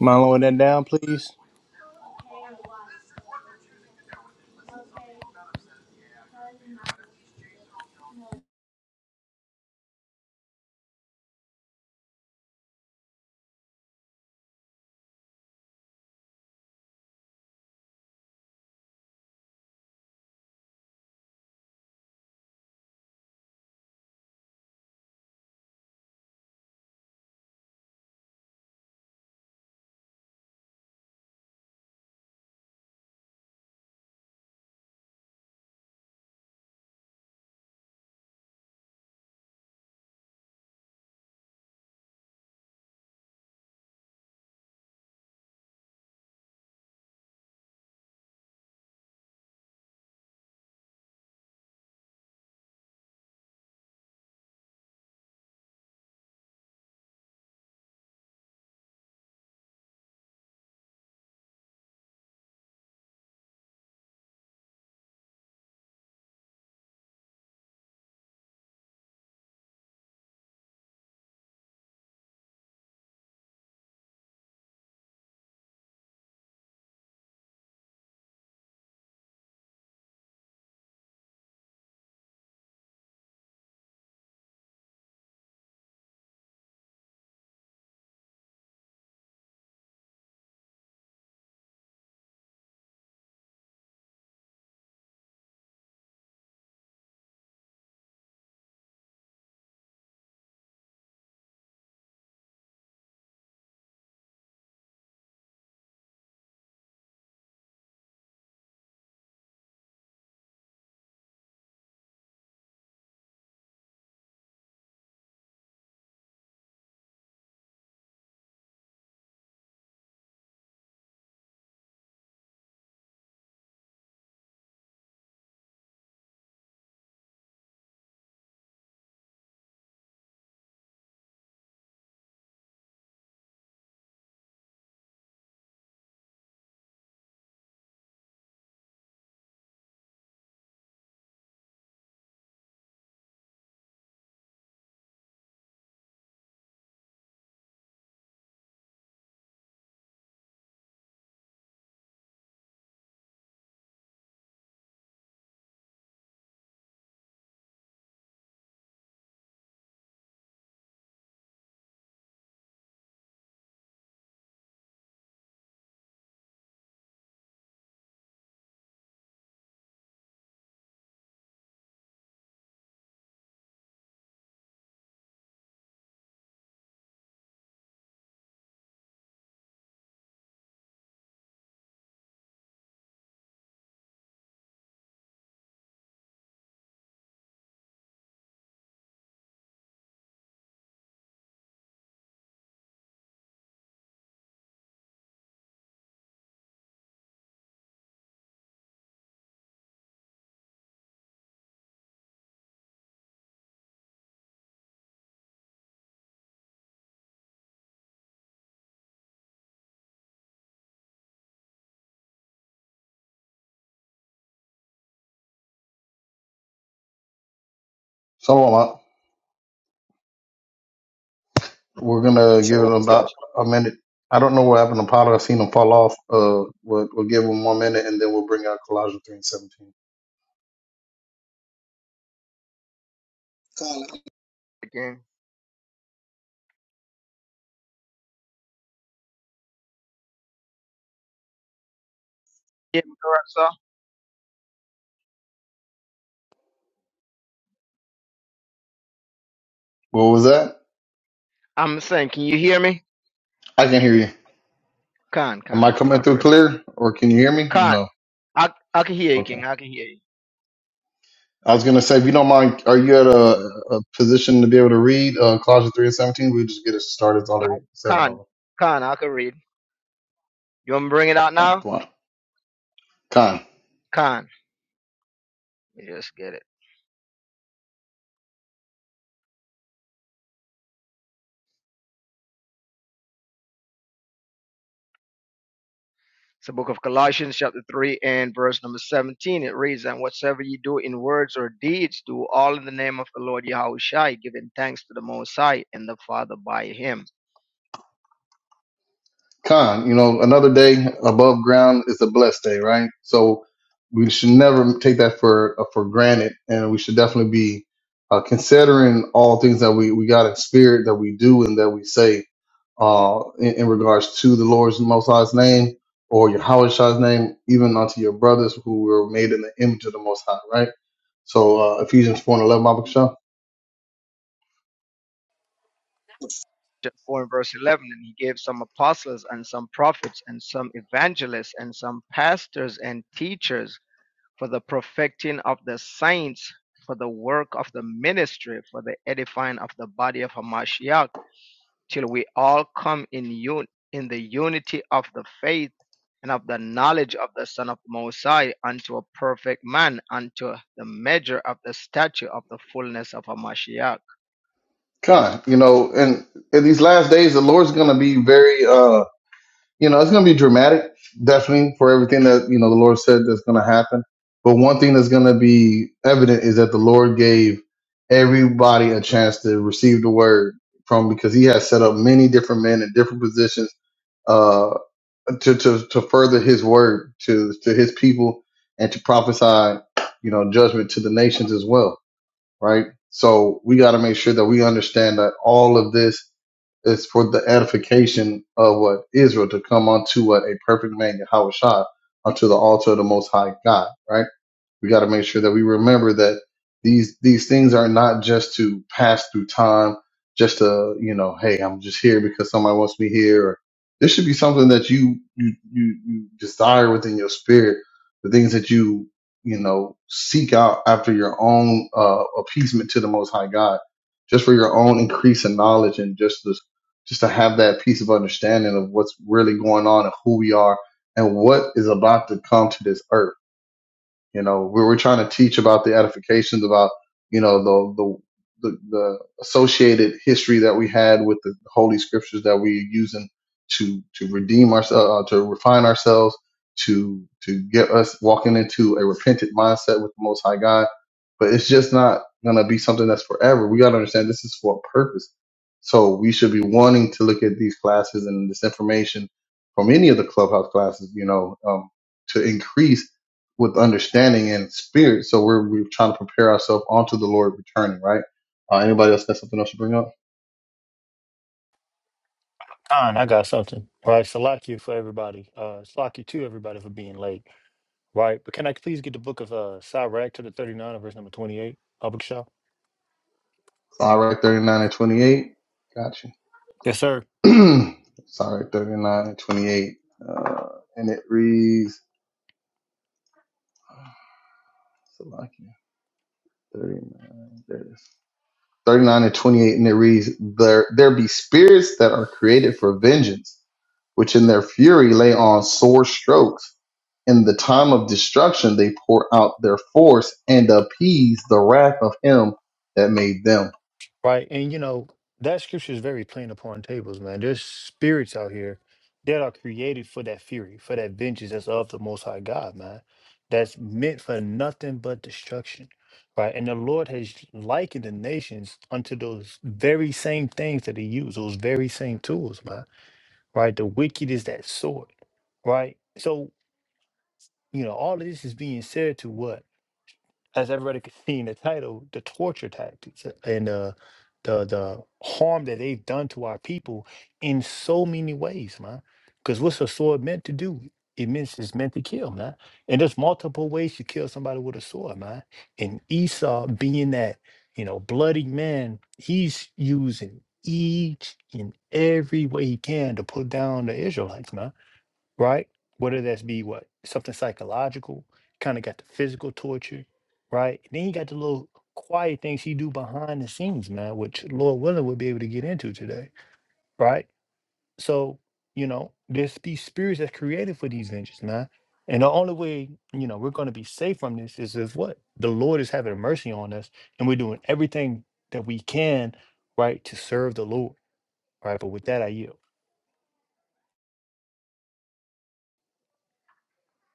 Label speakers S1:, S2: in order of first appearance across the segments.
S1: Mind lowering that down, please.
S2: So uh, we're gonna give it
S3: Shalom.
S2: about a minute. I don't know what happened to Potter. I seen him fall off. Uh, we'll, we'll give him one minute and then we'll bring out Colossians three and seventeen.
S3: Khan. Again. Yeah, correct, sir.
S2: What was that?
S3: I'm saying, can you hear me?
S2: I can hear you.
S3: Khan,
S2: Am I
S3: Khan,
S2: coming
S3: I'll
S2: through
S3: praise.
S2: clear, or can you hear me, or
S3: Khan,
S2: no?
S3: I, I can hear you,
S2: Okay.
S3: King. I can hear you.
S2: I was gonna say, if you don't mind, are you at a, a position to be able to read uh, Colossians three and seventeen? We just get it started. It's
S3: No,
S2: already seven of
S3: Khan,
S2: them.
S3: Khan, I can read. You want me to bring it out
S2: Con,
S3: now?
S2: come on, Con.
S3: Khan. Yes, get it. It's the book of Colossians, chapter 3, and verse number 17. It reads, And whatsoever you do in words or deeds, do all in the name of the Lord Yahushua, giving thanks to the Most High and the Father by him.
S2: Con, you know, another day above ground is a blessed day, right? So we should never take that for uh, for granted, and we should definitely be uh, considering all things that we we got in spirit that we do and that we say uh, in, in regards to the Lord's Most High's name or Yahweh Shah's name, even unto your brothers who were made in the image of the Most High, right? So uh, Ephesians four and eleven, Bible Shah.
S3: 4 and verse 11 and he gave some apostles and some prophets and some evangelists and some pastors and teachers for the perfecting of the saints for the work of the ministry for the edifying of the body of Hamashiach till we all come in un- in the unity of the faith and of the knowledge of the son of Mosai unto a perfect man unto the measure of the stature of the fullness of Hamashiach
S2: Con, you know, and in these last days, the Lord's going to be very. uh you know, it's going to be dramatic, definitely, for everything that, you know, the Lord said that's going to happen. But one thing that's going to be evident is that the Lord gave everybody a chance to receive the word from because he has set up many different men in different positions uh, to, to, to further his word to, to his people and to prophesy, you know, judgment to the nations as well right? So we got to make sure that we understand that all of this is for the edification of what Israel to come unto what a perfect man Yahweh Shah unto the altar of the Most High God, right? We got to make sure that we remember that these these things are not just to pass through time, just to you know, hey, I'm just here because somebody wants me here. Or this should be something that you you you, you desire within your spirit, the things that you you know seek out after your own uh, appeasement to the Most High God, just for your own increase in knowledge and just to, just to have that piece of understanding of what's really going on and who we are and what is about to come to this earth you know, we were trying to teach about the edifications, about you know the the the, the associated history that we had with the holy scriptures that we are using to to redeem ourselves, uh, uh, to refine ourselves, to to get us walking into a repentant mindset with the Most High God. But it's just not gonna be something that's forever. We gotta understand this is for a purpose. So we should be wanting to look at these classes and this information from any of the clubhouse classes, you know, um, to increase with understanding and spirit. So we're we're trying to prepare ourselves onto the Lord returning, right? Uh, anybody else got something else to bring up?
S1: Con, I got something. All right, Salakia for everybody. Uh, Salakia to everybody for being late. Right, but can I please get the book of uh, Sirach to the 39 verse number 28, Abakshah?
S2: Sorry, thirty nine and twenty eight. Got
S1: Yes, sir.
S2: you. Sorry, thirty nine and twenty eight. Uh, and it reads Salakia, 39, there it is. 39 and 28, and it reads, there, there be spirits that are created for vengeance, which in their fury lay on sore strokes in the time of destruction they pour out their force and appease the wrath of him that made them.
S1: Right. And you know, that scripture is very plain upon tables, man. There's spirits out here that are created for that fury, for that vengeance that's of the most high God, man. That's meant for nothing but destruction. Right. And the Lord has likened the nations unto those very same things that he used, those very same tools, man. Right. The wicked is that sword. Right. So, you know, all of this is being said to what? as everybody could see in the title, the torture tactics and uh, the the harm that they've done to our people in so many ways, man. Because what's a sword meant to do? It means it's meant to kill, man. And there's multiple ways you kill somebody with a sword, man. And Esau, being that you know bloody man, he's using each and every way he can to put down the Israelites, man right? Whether that's be what something psychological, kind of got the physical torture, right? And then you got the little quiet things he do behind the scenes, man, which Lord willing would be able to get into today, right? So you know, there's these spirits that's created for these vengeance, man. And the only way you know we're going to be safe from this is if what the Lord is having mercy on us, and we're doing everything that we can, right, to serve the Lord, right. But with that, I yield.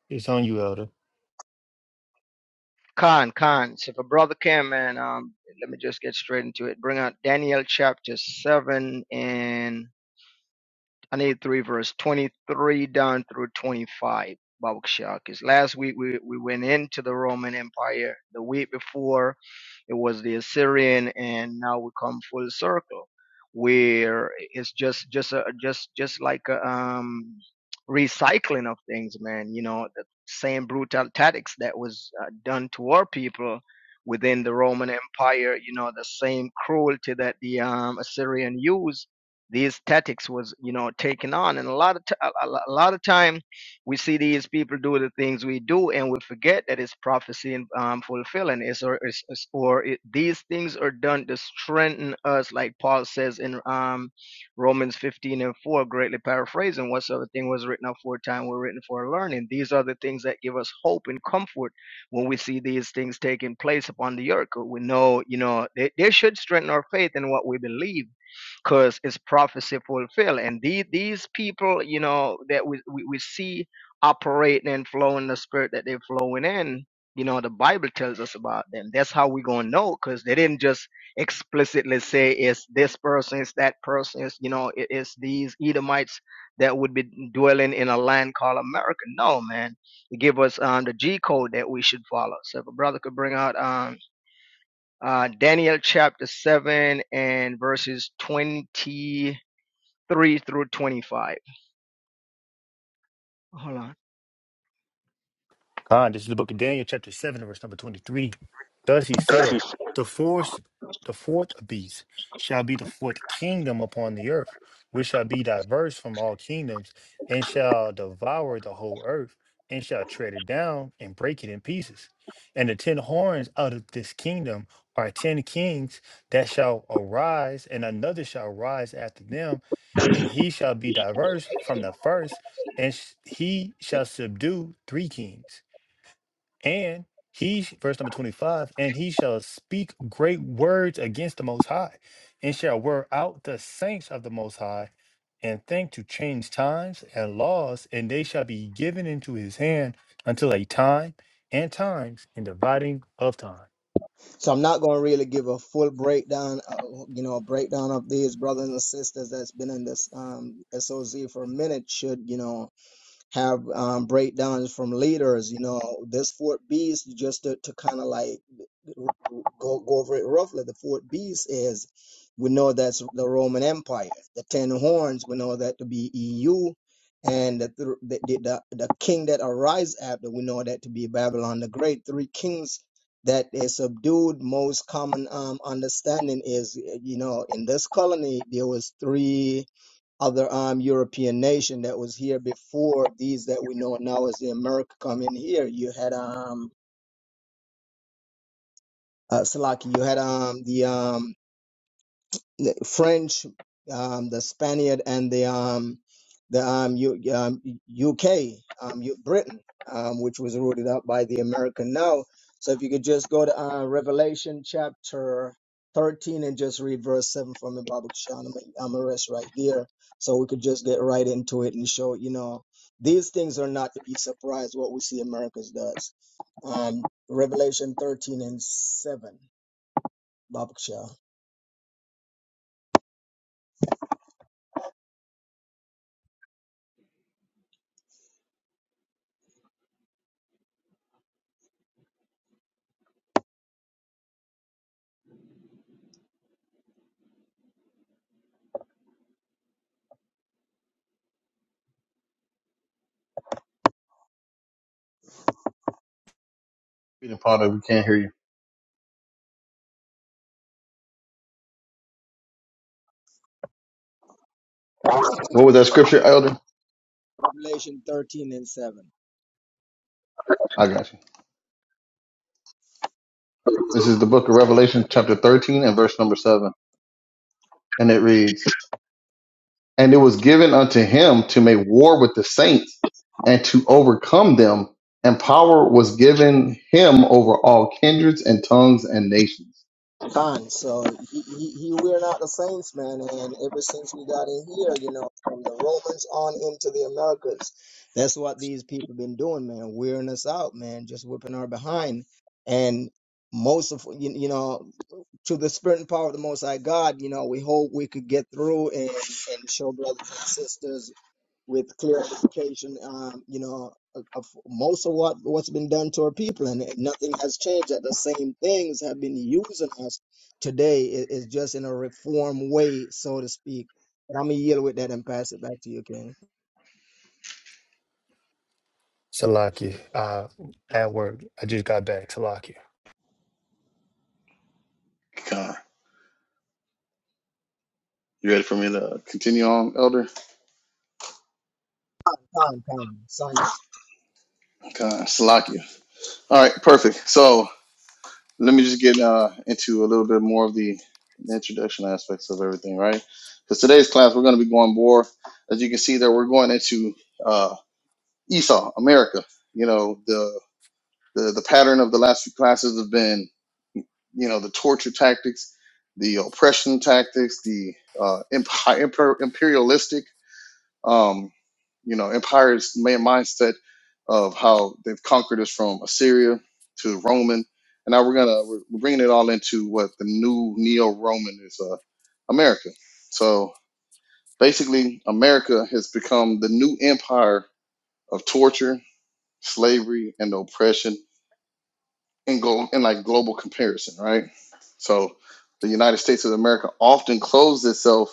S1: It's on you, Elder.
S3: Khan, Khan. So if a brother came and um, let me just get straight into it. Bring out Daniel chapter 7 and I need three verse 23 down through 25, Babakshah. Because last week we, we went into the Roman Empire. The week before it was the Assyrian, and now we come full circle, where it's just just a, just just like a, um recycling of things, man. You know, the same brutal tactics that was uh, done to our people within the Roman Empire. You know, the same cruelty that the um, Assyrian used these tactics was you know taken on and a lot of t- a, a a lot of time we see these people do the things we do and we forget that it's prophecy and um, fulfilling it's or it's, it's- or it, these things are done to strengthen us like paul says in um romans 15 and 4 greatly paraphrasing whatsoever thing was written aforetime were written for our learning these are the things that give us hope and comfort when we see these things taking place upon the earth we know you know they, they should strengthen our faith in what we believe because it's prophecy fulfilled. And the, these people, you know, that we, we, we see operating and flowing the spirit that they're flowing in, you know, the Bible tells us about them. That's how we're going to know because they didn't just explicitly say it's this person, it's that person, it's, you know, it, it's these Edomites that would be dwelling in a land called America. No, man. It give us um, the G code that we should follow. So if a brother could bring out um, uh, Daniel chapter 7 and verses 23 through 25. Hold on.
S1: God, this is the book of Daniel, chapter 7, verse number 23. Thus he said, The fourth, the fourth beast shall be the fourth kingdom upon the earth, which shall be diverse from all kingdoms, and shall devour the whole earth, and shall tread it down and break it in pieces. And the ten horns out of this kingdom are ten kings that shall arise, and another shall rise after them, and he shall be diverse from the first, and sh- he shall subdue three kings and he, sh- verse number 25, and he shall speak great words against the Most High, and shall wear out the saints of the Most High, and think to change times and laws, and they shall be given into his hand until a time and times and dividing of time.
S3: So I'm not going to really give a full breakdown, uh, you know, a breakdown of these brothers and sisters that's been in this um, SOZ for a minute should, you know, have um, breakdowns from leaders, you know, this Fort Beast just to, to kind of like go, go over it roughly. The fourth beast is we know that's the Roman Empire. The ten horns we know that to be EU, and the th- the, the, the king that arise after we know that to be Babylon the Great. Three kings that is subdued. Most common um, understanding is you know in this colony there was three other um European nation that was here before these that we know now as the America come in here. You had um uh, Salaki, you had um the um the French, um, the Spaniard, and the um, the um, U, um, UK, um, U, Britain, um, which was rooted out by the American. Now, so if you could just go to uh, Revelation chapter 13 and just read verse 7 from the Bible, Sean, I'm, I'm gonna rest right there. So we could just get right into it and show, you know, these things are not to be surprised what we see America's does. Um, Revelation 13 and 7, Bible, Sean.
S2: Reading Father, we can't hear you. What was that scripture, Elder? I got you. This is the book of Revelation, chapter 13, and verse number 7. And it reads And it was given unto him to make war with the saints and to overcome them, and power was given him over all kindreds and tongues and nations.
S3: Khan. So he, he, he, we're not the Saints, man. And ever since we got in here, you know, from the Romans on into the Americas, that's what these people been doing, man. Wearing us out, man. Just whipping our behind. And most of, you, you know, to the spirit and power of the Most High God, you know, we hope we could get through and, and show brothers and sisters with clarification, um, you know, of, of most of what what's been done to our people, and nothing has changed. That the same things have been using us today. It, it's just in a reform way, so to speak. But I'm gonna yield with that and pass it back to you, King.
S1: Salaki, uh, at work, I just got back. Salaki.
S2: God. You ready for me to continue on, Elder?
S3: Con, con, son,
S2: God, slack you. All right, perfect. So let me just get uh, into a little bit more of the, introduction aspects of everything, right? Because today's class, we're going to be going more, as you can see, there we're going into uh, Esau, America. You know, the, the the pattern of the last few classes have been, you know, the torture tactics, the oppression tactics, the uh, imp- imperialistic um, you know, empire's main mindset of how they've conquered us from Assyria to Roman, and now we're gonna we're we're bringing it all into what the new neo-Roman is, uh, America. So basically, America has become the new empire of torture, slavery, and oppression in go in like global comparison, right? So the United States of America often clothes itself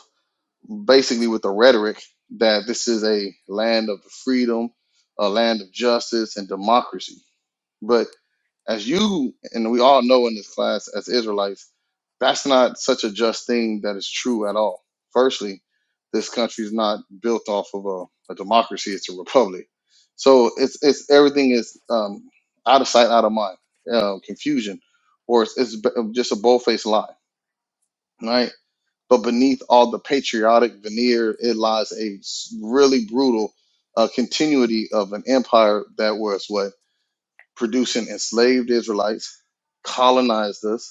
S2: basically with the rhetoric that this is a land of freedom, a land of justice and democracy. But as you and we all know in this class as Israelites, that's not such a just thing that is true at all. Firstly, this country is not built off of a, a democracy; it's a republic. So it's it's everything is um, out of sight, out of mind, uh, confusion, or it's, it's b- just a bold-faced lie, right? But beneath all the patriotic veneer, it lies a really brutal uh, continuity of an empire that was what producing enslaved Israelites, colonized us,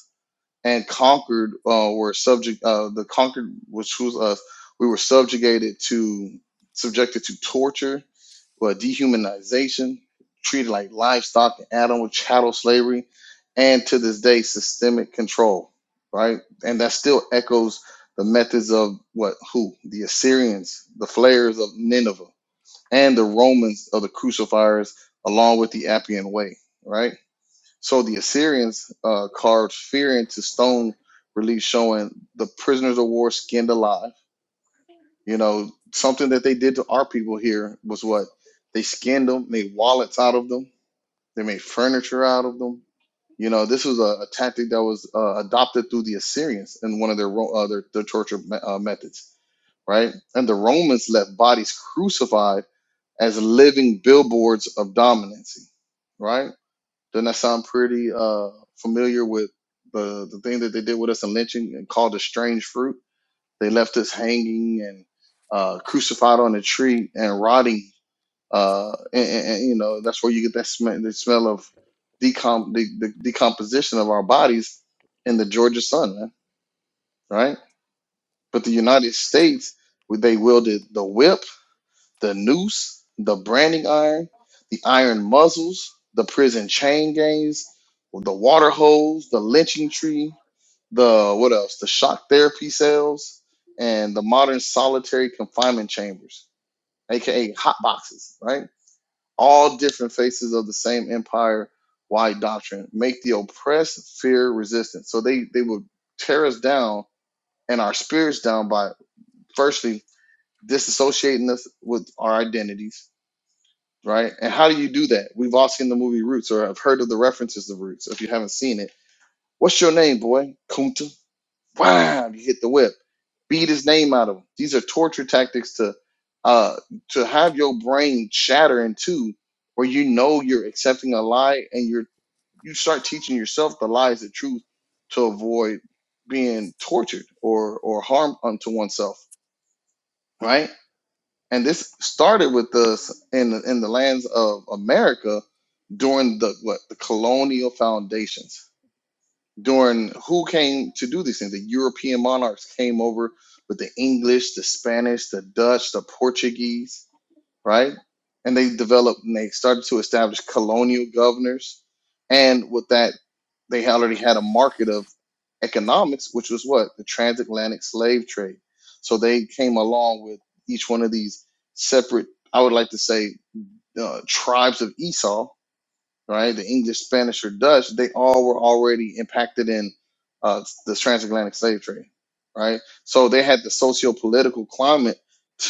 S2: and conquered uh, were subject uh, the conquered which was us we were subjugated to subjected to torture uh, dehumanization treated like livestock and animal chattel slavery and to this day systemic control right and that still echoes the methods of what who the assyrians the flayers of nineveh and the romans of the crucifiers along with the appian way right so the Assyrians uh, carved fear into stone relief showing the prisoners of war skinned alive. You know, something that they did to our people here was what? They skinned them, made wallets out of them, they made furniture out of them. You know, this was a, a tactic that was uh, adopted through the Assyrians in one of their, Ro- uh, their, their torture me- uh, methods, right? And the Romans left bodies crucified as living billboards of dominancy, right? Doesn't that sound pretty uh, familiar with the the thing that they did with us in lynching and called a strange fruit? They left us hanging and uh, crucified on a tree and rotting. Uh, and, and, and, you know that's where you get that smell, the smell of decom the, the decomposition of our bodies in the Georgia sun, man, right? But the United States, they wielded the whip the noose, the branding iron, the iron muzzles, the prison chain gangs, the water hose, the lynching tree, the what else? The shock therapy cells, and the modern solitary confinement chambers, aka hot boxes, right? All different faces of the same empire wide doctrine. Make the oppressed fear resistance. So they they would tear us down and our spirits down by firstly disassociating us with our identities right? And how do you do that? We've all seen the movie Roots or have heard of the references of Roots. If you haven't seen it, what's your name, boy? Kunta. Wow, you hit the whip, beat his name out of him. These are torture tactics to uh to have your brain shatter in two, where you know you're accepting a lie and you're you start teaching yourself the lie is the truth to avoid being tortured or or harm unto oneself, right? and this started with us in the, in the lands of America during the what the colonial foundations. During who came to do these things? The European monarchs came over with the English, the Spanish, the Dutch, the Portuguese, right? And they developed and they started to establish colonial governors. And with that they already had a market of economics, which was what the transatlantic slave trade. So they came along with each one of these separate, I would like to say, uh, tribes of Esau, right? The English, Spanish, or Dutch, they all were already impacted in uh, the transatlantic slave trade, right? So they had the socio-political climate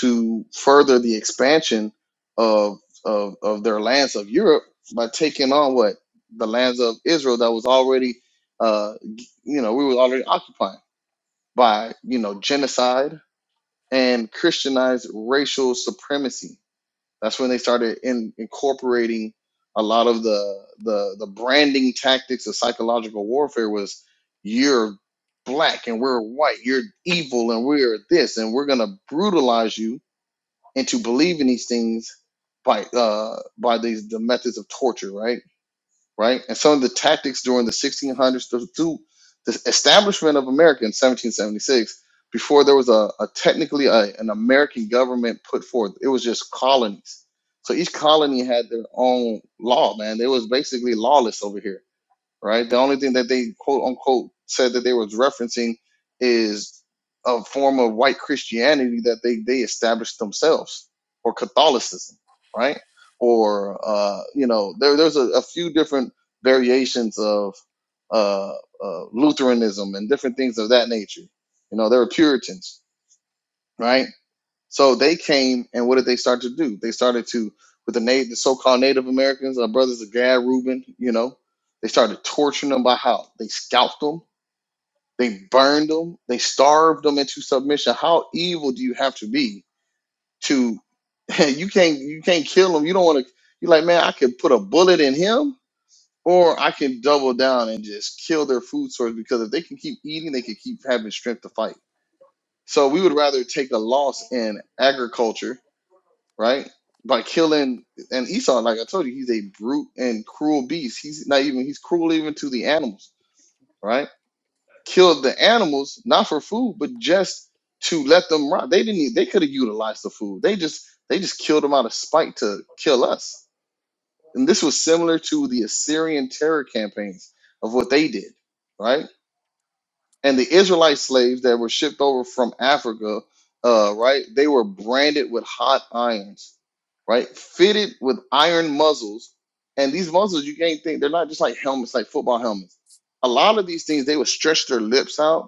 S2: to further the expansion of of, of their lands of Europe by taking on what the lands of Israel that was already, uh, you know, we were already occupying by you know genocide and Christianized racial supremacy that's when they started in, incorporating a lot of the the the branding tactics of psychological warfare was you're black and we're white, you're evil and we're this, and we're gonna brutalize you into believing these things by uh by these the methods of torture, right? right? And some of the tactics during the 1600s through through the establishment of America in 1776, before there was a, a technically a, an American government put forth, it was just colonies. So each colony had their own law, man. They was basically lawless over here right? The only thing that they quote unquote said that they was referencing is a form of white Christianity that they they established themselves, or Catholicism, right? Or uh, you know, there, there's a, a few different variations of uh, uh, Lutheranism and different things of that nature. You know, there were Puritans, right? So they came, and what did they start to do? They started to, with the, na- the so-called Native Americans, our brothers, the Gad Reuben, you know, they started torturing them by how they scalped them, they burned them, they starved them into submission. How evil do you have to be to? you can't you can't kill them. You don't want to. You're like, man, I could put a bullet in him, or I can double down and just kill their food source because if they can keep eating, they can keep having strength to fight. So we would rather take a loss in agriculture right? By killing and Esau, like I told you, he's a brute and cruel beast. He's not even he's cruel even to the animals, right? Killed the animals not for food, but just to let them rot. They didn't. e- They could have utilized the food. They just they just killed them out of spite to kill us. And this was similar to the Assyrian terror campaigns of what they did, right? and the Israelite slaves that were shipped over from Africa, uh, right? They were branded with hot irons, right? Fitted with iron muzzles, and these muzzles you can't think they're not just like helmets, like football helmets. A lot of these things they would stretch their lips out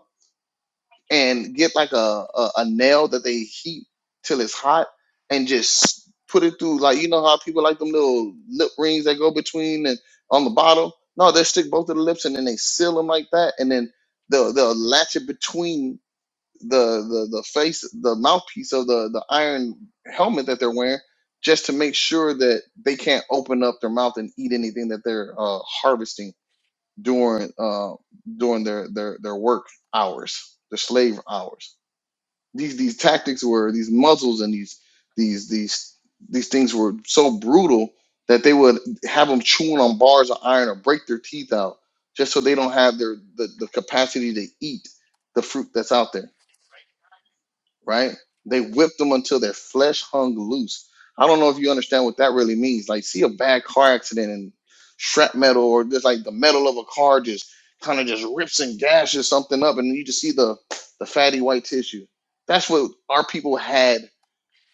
S2: and get like a, a, a nail that they heat till it's hot and just put it through like you know how people like them little lip rings that go between and on the bottom no they stick both of the lips and then they seal them like that and then they'll, they'll latch it between the, the the face the mouthpiece of the the iron helmet that they're wearing just to make sure that they can't open up their mouth and eat anything that they're uh, harvesting during uh, during their, their their work hours their slave hours these these tactics were these muzzles and these these these these things were so brutal that they would have them chewing on bars of iron or break their teeth out just so they don't have their the, the capacity to eat the fruit that's out there right? They whipped them until their flesh hung loose. I don't know if you understand what that really means. Like, see a bad car accident and shrapnel, or just like the metal of a car just kind of just rips and gashes something up, and you just see the the fatty white tissue. That's what our people had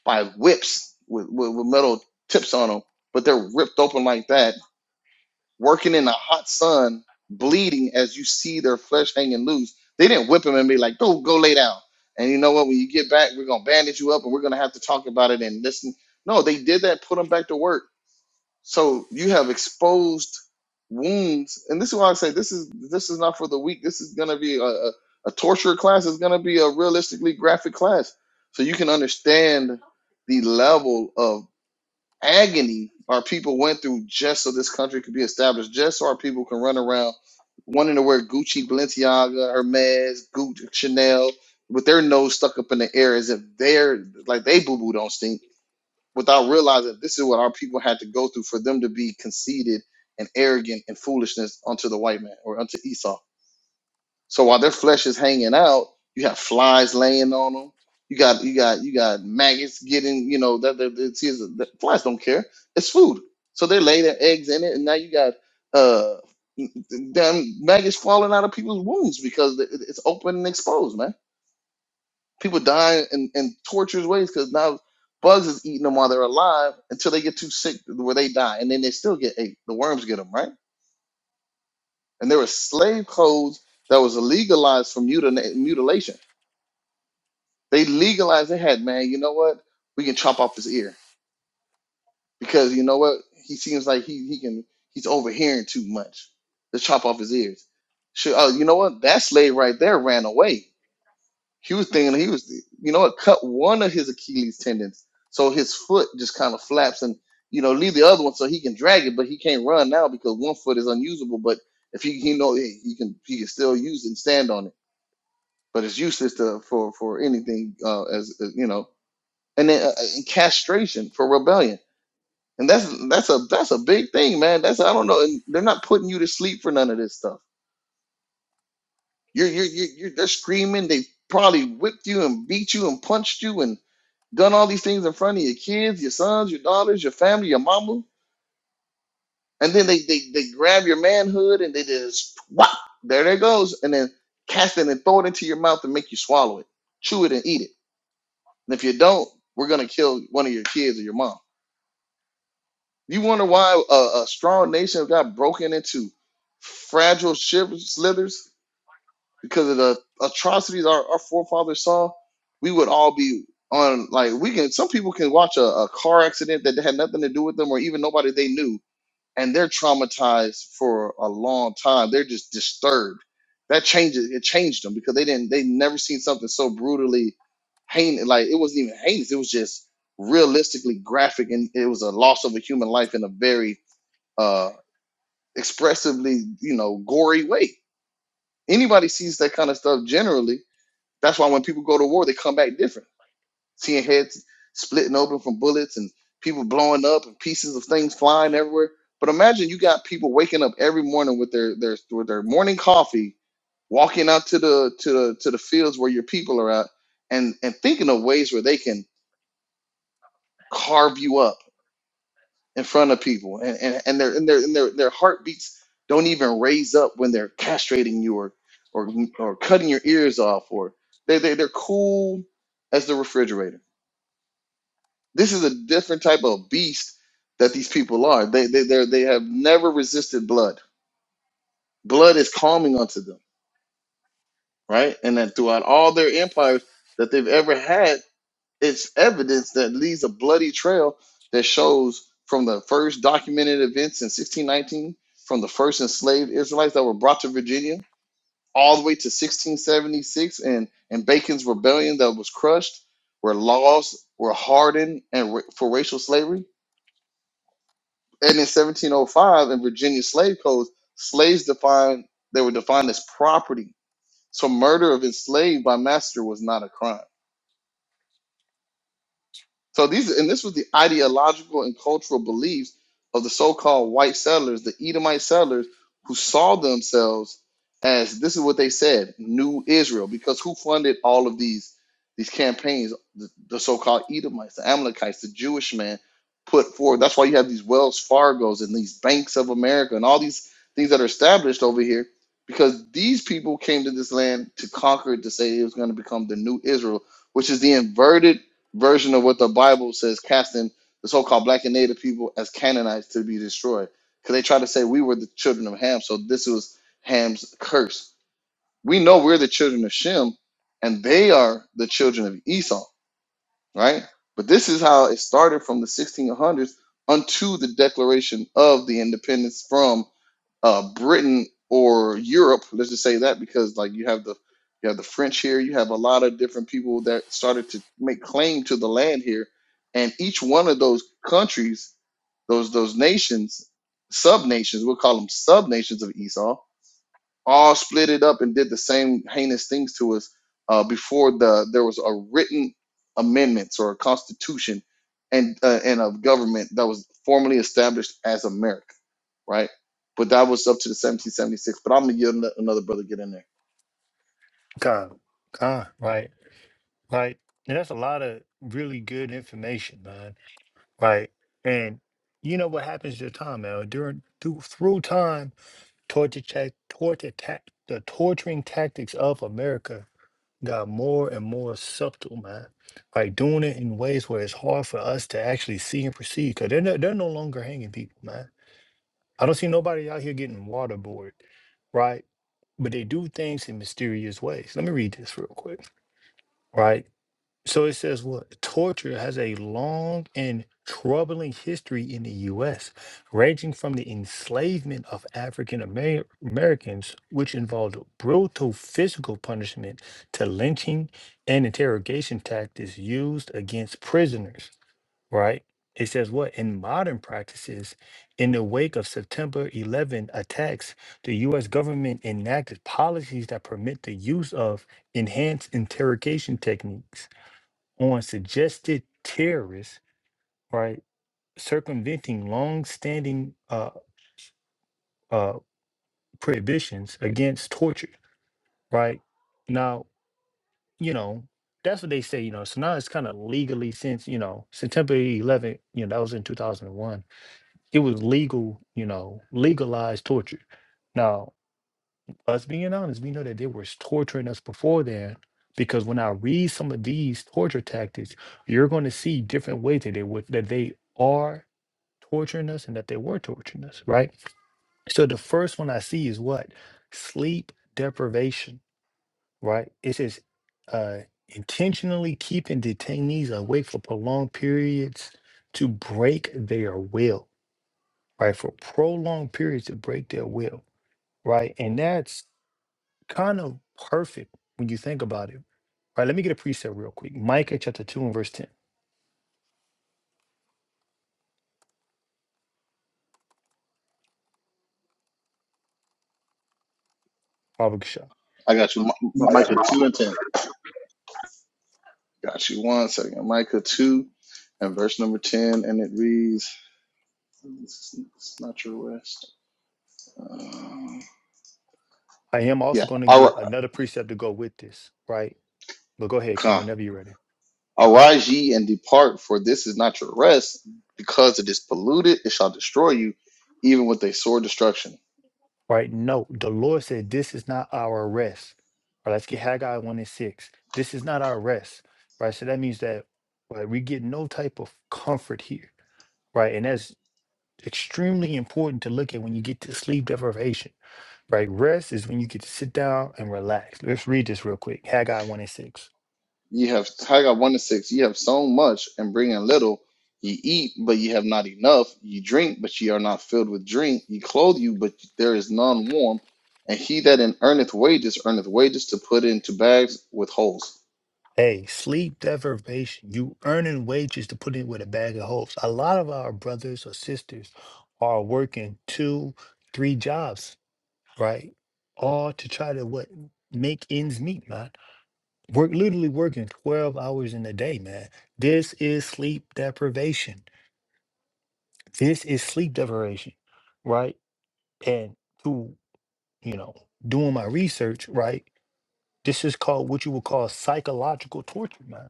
S2: by whips with, with, with metal tips on them, but they're ripped open like that working in the hot sun, bleeding as you see their flesh hanging loose. They didn't whip him and be like, "Go, go lay down." And you know what? When you get back, we're gonna bandage you up, and we're gonna have to talk about it and listen. No, they did that. Put him back to work. So you have exposed wounds, and this is why I say this is this is not for the weak. This is gonna be a, a, a torture class. It's gonna be a realistically graphic class, so you can understand the level of agony our people went through just so this country could be established, just so our people can run around wanting to wear Gucci, Balenciaga, Hermes, Gucci, Chanel, with their nose stuck up in the air as if they're like they boo boo don't stink, without realizing this is what our people had to go through for them to be conceited and arrogant and foolishness unto the white man or unto Esau. So while their flesh is hanging out, you have flies laying on them. You got you got you got maggots getting you know that that it's, it's, the flies don't care. It's food, so they lay their eggs in it, and now you got uh damn maggots falling out of people's wounds because it- it's open and exposed, man. People die in, in torturous ways because now bugs is eating them while they're alive until they get too sick where they die, and then they still get ate. The worms get them, right? And there were slave codes that was legalized for mutina- mutilation They legalized it had, man, you know what? We can chop off his ear because you know what? He seems like he he can he's overhearing too much. Let's chop off his ears. Should, oh, you know what? That slave right there ran away. He was thinking he was, you know what? Cut one of his Achilles tendons, so his foot just kind of flaps, and you know, leave the other one so he can drag it, but he can't run now because one foot is unusable. But if he he know he can he can still use and stand on it, but it's useless to for for anything uh, as as, you know and then uh, uh, and castration for rebellion. And that's that's a that's a big thing, man. That's I don't know. And they're not putting you to sleep for none of this stuff. You're you're you're, you're they're screaming. They probably whipped you and beat you and punched you and done all these things in front of your kids, your sons, your daughters, your family, your mama. And then they they they grab your manhood and they just whop there it goes, and then cast it and throw it into your mouth and make you swallow it, chew it and eat it. And if you don't, we're gonna kill one of your kids or your mom. You wonder why a, a strong nation got broken into fragile shivers, slithers because of the atrocities our, our forefathers saw. We would all be on like we can. Some people can watch a, a car accident that had nothing to do with them, or even nobody they knew, and they're traumatized for a long time. They're just disturbed. That changes. It changed them because they didn't. They never seen something so brutally heinous. Like it wasn't even heinous. It was just realistically graphic, and it was a loss of a human life in a very uh, expressively, you know, gory way. Anybody sees that kind of stuff generally. That's why when people go to war, they come back different. Seeing heads splitting open from bullets and people blowing up and pieces of things flying everywhere. But imagine you got people waking up every morning with their their with their morning coffee, walking out to the to the to the fields where your people are at, and and thinking of ways where they can carve you up in front of people and, and, and their and their and their their heartbeats don't even raise up when they're castrating you or or or cutting your ears off or they they they're cool as the refrigerator. This is a different type of beast that these people are. They they they they have never resisted blood. Blood is calming unto them, right? And that throughout all their empires that they've ever had It's evidence that leaves a bloody trail that shows from the first documented events in 1619, from the first enslaved Israelites that were brought to Virginia, all the way to 1676 and, and Bacon's rebellion that was crushed, where laws were hardened and ra- for racial slavery. And in 1705, in Virginia slave codes, slaves defined they were defined as property. So murder of enslaved by master was not a crime So these, and this was the ideological and cultural beliefs of the so-called white settlers, the Edomite settlers, who saw themselves as this is what they said, New Israel, because who funded all of these these campaigns? The, the so-called Edomites, the Amalekites, the Jewish man put forward. That's why you have these Wells Fargos and these Banks of America and all these things that are established over here, because these people came to this land to conquer it, to say it was going to become the New Israel, which is the inverted version of what the Bible says, casting the so-called black and native people as Canaanites to be destroyed. Because they try to say we were the children of Ham, so this was Ham's curse. We know we're the children of Shem, and they are the children of Esau, right? But this is how it started from the 1600s unto the Declaration of the Independence from uh, Britain or Europe. Let's just say that because like you have the you have the French here. You have a lot of different people that started to make claim to the land here, and each one of those countries, those those nations, sub nations, we'll call them sub nations of Esau, all split it up and did the same heinous things to us uh, before the there was a written amendments or a constitution and uh, and a government that was formally established as America right? But that was up to the 1776. But I'm gonna give ano- another brother get in there.
S1: Khan. Khan, right. Like, and that's a lot of really good information, man. right? And you know what happens to time, man. During through, through time, torture tech, torture tac the torturing tactics of America got more and more subtle, man. Like doing it in ways where it's hard for us to actually see and perceive, because they're no, they're no longer hanging people, man. I don't see nobody out here getting waterboarded, right? But they do things in mysterious ways. Let me read this real quick, right? So it says what? Torture has a long and troubling history in the U.S., ranging from the enslavement of African Amer- Americans, which involved brutal physical punishment, to lynching and interrogation tactics used against prisoners, right? It says what? In modern practices, in the wake of September 11 attacks, the U.S. government enacted policies that permit the use of enhanced interrogation techniques on suggested terrorists, right, circumventing longstanding uh, uh, prohibitions against torture, right? Now, you know, that's what they say, you know. So now it's kind of legally since, you know, September 11th, you know, that was in 2001, it was legal, you know, legalized torture. Now, us being honest, we know that they were torturing us before then because when I read some of these torture tactics, you're going to see different ways that they would that they are torturing us and that they were torturing us, right? So the first one I see is what? Sleep deprivation, right? It says uh, intentionally keeping detainees awake for prolonged periods to break their will, right? For prolonged periods to break their will, right? And that's kind of perfect when you think about it. Right, let me get a precept real quick. Micah chapter 2 and verse 10. Baba Keshav.
S2: I got you, Mi-
S3: you-
S2: Mi- Micah two and ten. Got you one second, Micah two and verse number ten, and it reads, "This is this is not your rest." Uh,
S1: I am also
S2: yeah,
S1: going to get
S2: Ar-
S1: another precept to go with this, right? But go ahead, King,
S2: come.
S1: whenever you're ready.
S2: arise ye and depart, for this is not your rest, because it is polluted; it shall destroy you, even with a sore destruction.
S1: right? No, the Lord said, This is not our rest. Or let's get Haggai 1 and 6. This is not our rest, right? So that means that right, we get no type of comfort here, right? And that's extremely important to look at when you get to sleep deprivation, right? Rest is when you get to sit down and relax. Let's read this real quick Haggai 1 and 6.
S2: Ye have Haggai 1 to 6. Ye have sown much and bring in little. Ye eat, but ye have not enough. Ye drink, but ye are not filled with drink. Ye clothe you, but there is none warm. And he that in earneth wages, earneth wages to put into bags with holes.
S1: Hey, sleep deprivation. You earning wages to put in with a bag of hopes. A lot of our brothers or sisters are working two, three jobs right? All to try to what make ends meet, man. Work literally working 12 hours in a day, man. This is sleep deprivation. This is sleep deprivation, right? And to, you know, doing my research, right? This is called what you would call psychological torture, man.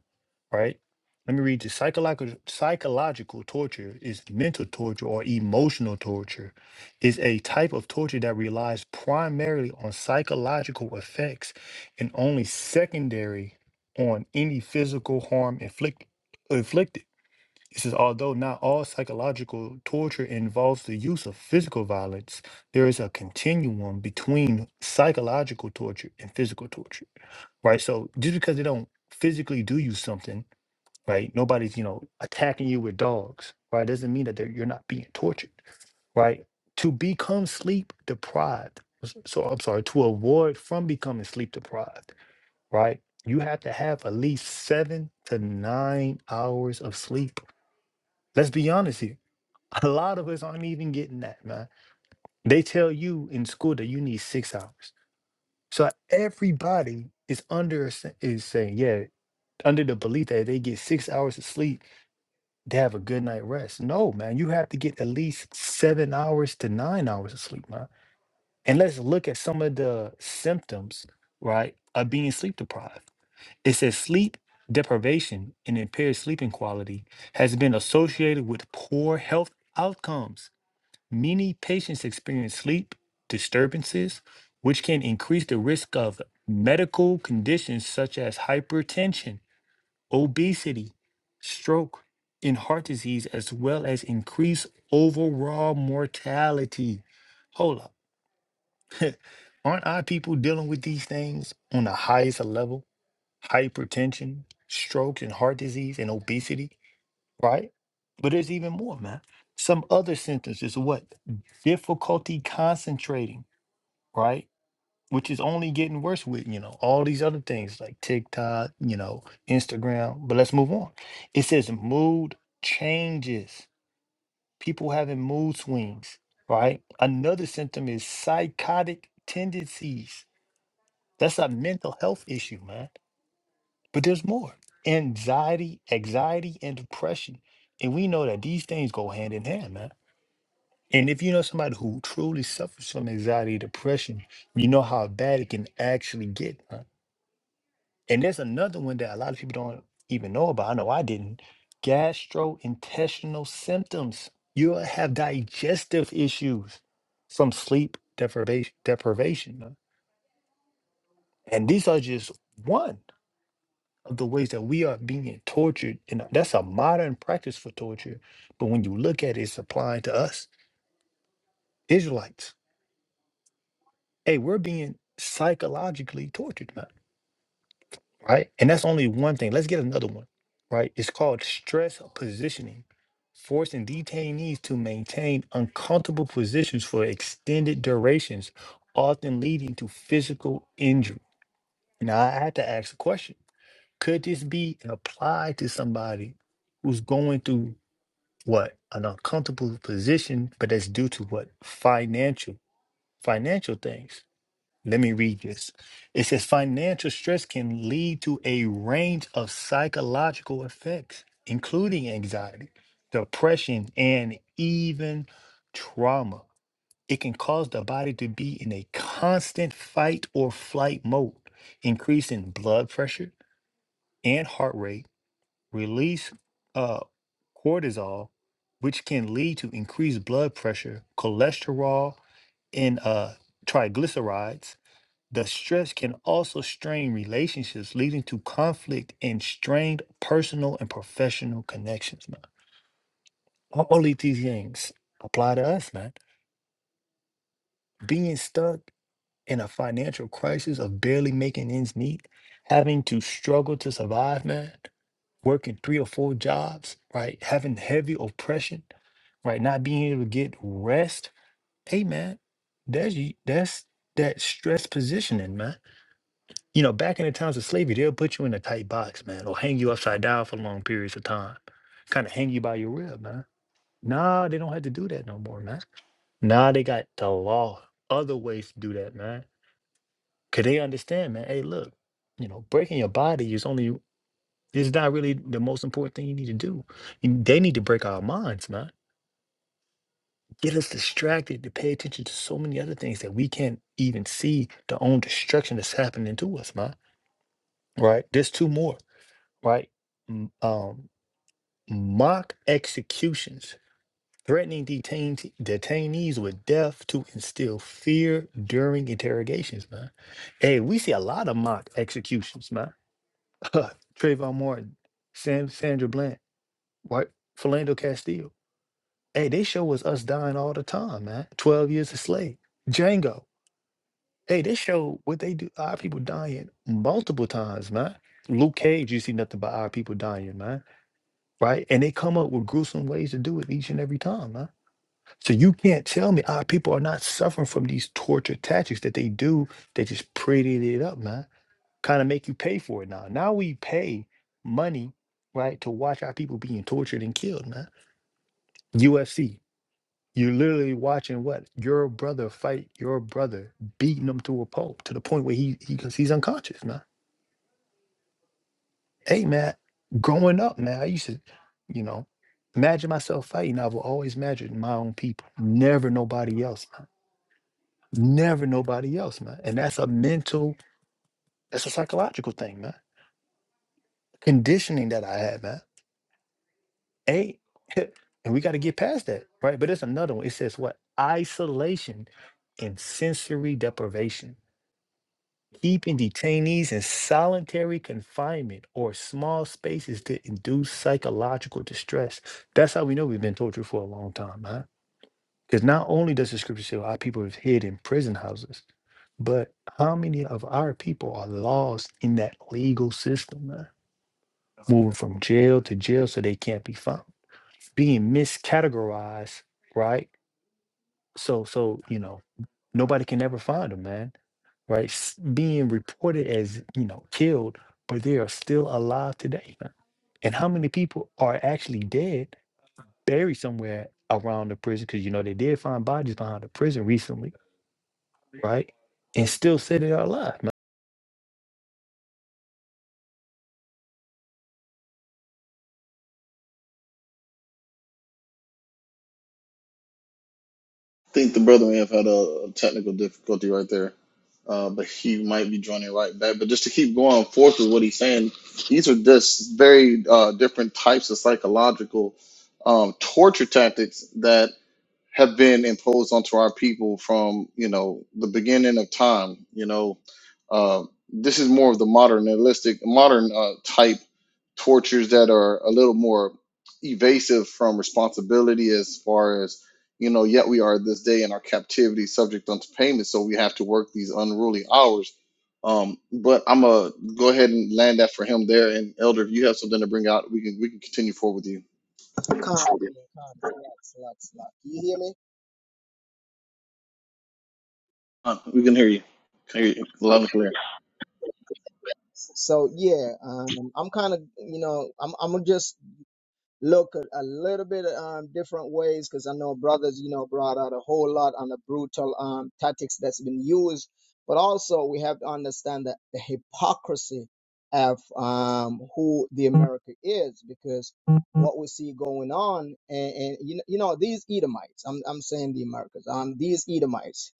S1: Right? Let me read this. Psychological psychological torture is mental torture or emotional torture. Is a type of torture that relies primarily on psychological effects and only secondary on any physical harm inflict, inflicted. It says, although not all psychological torture involves the use of physical violence, there is a continuum between psychological torture and physical torture, right? So just because they don't physically do you something, right? Nobody's, you know, attacking you with dogs, right? Doesn't mean that they're- you're not being tortured, right? To become sleep deprived, s- so I'm sorry, to avoid from becoming sleep deprived, right? You have to have at least seven to nine hours of sleep Let's be honest here. A lot of us aren't even getting that, man. They tell you in school that you need six hours. So everybody is under a sa- is saying, yeah, under the belief that they get six hours of sleep, they have a good night rest. No, man, you have to get at least seven hours to nine hours of sleep, man. And let's look at some of the symptoms, right, of being sleep deprived. It says sleep deprivation and impaired sleeping quality has been associated with poor health outcomes Many patients experience sleep disturbances, which can increase the risk of medical conditions such as hypertension, obesity, stroke, and heart disease, as well as increase overall mortality. Hold up. Aren't our people dealing with these things on the highest level? Hypertension, stroke, and heart disease, and obesity? right? But there's even more, man. Some other sentences, what? Difficulty concentrating, right? Which is only getting worse with, you know, all these other things like TikTok, you know, Instagram. But let's move on. It says mood changes, people having mood swings, right? Another symptom is psychotic tendencies. That's a mental health issue, man. But there's more anxiety, anxiety, and depression. And we know that these things go hand in hand, man. And if you know somebody who truly suffers from anxiety, depression, you know how bad it can actually get. huh? And there's another one that a lot of people don't even know about. I know I didn't. Gastrointestinal symptoms. You'll have digestive issues from sleep deprivation. deprivation huh? And these are just one of the ways that we are being tortured. And that's a modern practice for torture. But when you look at it, it's applying to us, Israelites. hey, we're being psychologically tortured now, right? And that's only one thing. Let's get another one, right? It's called stress positioning, forcing detainees to maintain uncomfortable positions for extended durations, often leading to physical injury. Now, I had to ask a question could this be applied to somebody who's going through what an uncomfortable position, but that's due to what financial financial things Let me read this. It says financial stress can lead to a range of psychological effects, including anxiety, depression, and even trauma. It can cause the body to be in a constant fight or flight mode, increasing blood pressure and heart rate, release uh, cortisol, which can lead to increased blood pressure, cholesterol, and uh, triglycerides the stress can also strain relationships, leading to conflict and strained personal and professional connections, man. All of these things apply to us, man. Being stuck in a financial crisis of barely making ends meet, having to struggle to survive, man, working three or four jobs, right? Having heavy oppression, right? Not being able to get rest. Hey, man, that's, y- that's that stress positioning, man. You know, back in the times of slavery, they'll put you in a tight box, man, or hang you upside down for long periods of time, kind of hang you by your rib, man. Nah, they don't have to do that no more, man. Nah, they got the law, other ways to do that, man. Cause they understand, man. Hey, look, you know, breaking your body is only it's not really the most important thing you need to do. You- They need to break our minds, man. Get us distracted to pay attention to so many other things that we can't even see the own destruction that's happening to us, man. Right? There's two more. right? M- Um, mock executions, threatening detain- detainees with death to instill fear during interrogations, man. Hey, we see a lot of mock executions, man. Trayvon Martin, Sam, Sandra Bland, right? Philando Castile. Hey, they show us us dying all the time, man. 12 years a slave. Django. Hey, they show what they do. Our people dying multiple times, man. Luke Cage, you see nothing but our people dying, man right? And they come up with gruesome ways to do it each and every time, huh? So you can't tell me our people are not suffering from these torture tactics that they do. They just prettied it up, man. Kind of make you pay for it now. Now we pay money, right, to watch our people being tortured and killed, man. UFC. You're literally watching what your brother fight your brother, beating him to a pulp to the point where he, he he's unconscious, man hey man, growing up, man, I used to, you know, imagine myself fighting. I would always imagine my own people, never nobody else, man. Never nobody else, man. And that's a mental, that's a psychological thing, man. Conditioning that I had, man. Hey, and we got to get past that, right? But it's another one. It says what? Isolation and sensory deprivation. keeping detainees in solitary confinement or small spaces to induce psychological distress. That's how we know we've been tortured for a long time, huh? Because not only does the scripture say our people is hid in prison houses, but how many of our people are lost in that legal system, man? Moving from jail to jail so they can't be found, being miscategorized, right? So, so you know. Nobody can ever find them, man. Right? S- Being reported as, you know, killed, but they are still alive today. man. And how many people are actually dead, buried somewhere around the prison? Because, you know, they did find bodies behind the prison recently, right? And still said they are alive.
S2: think the brother may have had a technical difficulty right there, uh, but he might be joining right back. But just to keep going forth with what he's saying, these are just very uh, different types of psychological um, torture tactics that have been imposed onto our people from you know the beginning of time. You know, uh, this is more of the modernistic, modern uh, type tortures that are a little more evasive from responsibility as far as you know. Yet we are this day in our captivity, subject unto payment, so we have to work these unruly hours. Um, but I'm gonna go ahead and land that for him there. And Elder, if you have something to bring out, we can we can continue forward with you.
S3: con, con, relax, relax, relax. You hear me?
S2: Uh, We can hear you. Can hear you loud and clear.
S3: So yeah, um, I'm kind of, you know, I'm I'm gonna just look a, a little bit um different ways because I know brothers, you know, brought out a whole lot on the brutal um tactics that's been used, but also we have to understand that the hypocrisy of um who the America is because what we see going on and, and you know, you know these Edomites, I'm I'm saying the Americas, um these Edomites,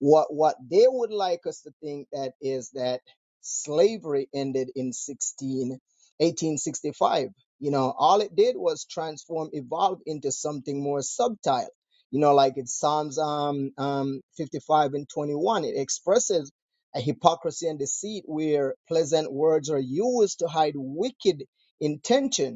S3: what what they would like us to think that is that slavery ended in 16 1865. You know, all it did was transform, evolve into something more subtle. You know, like it's Psalms um, um, 55 and 21. It expresses a hypocrisy and deceit where pleasant words are used to hide wicked intention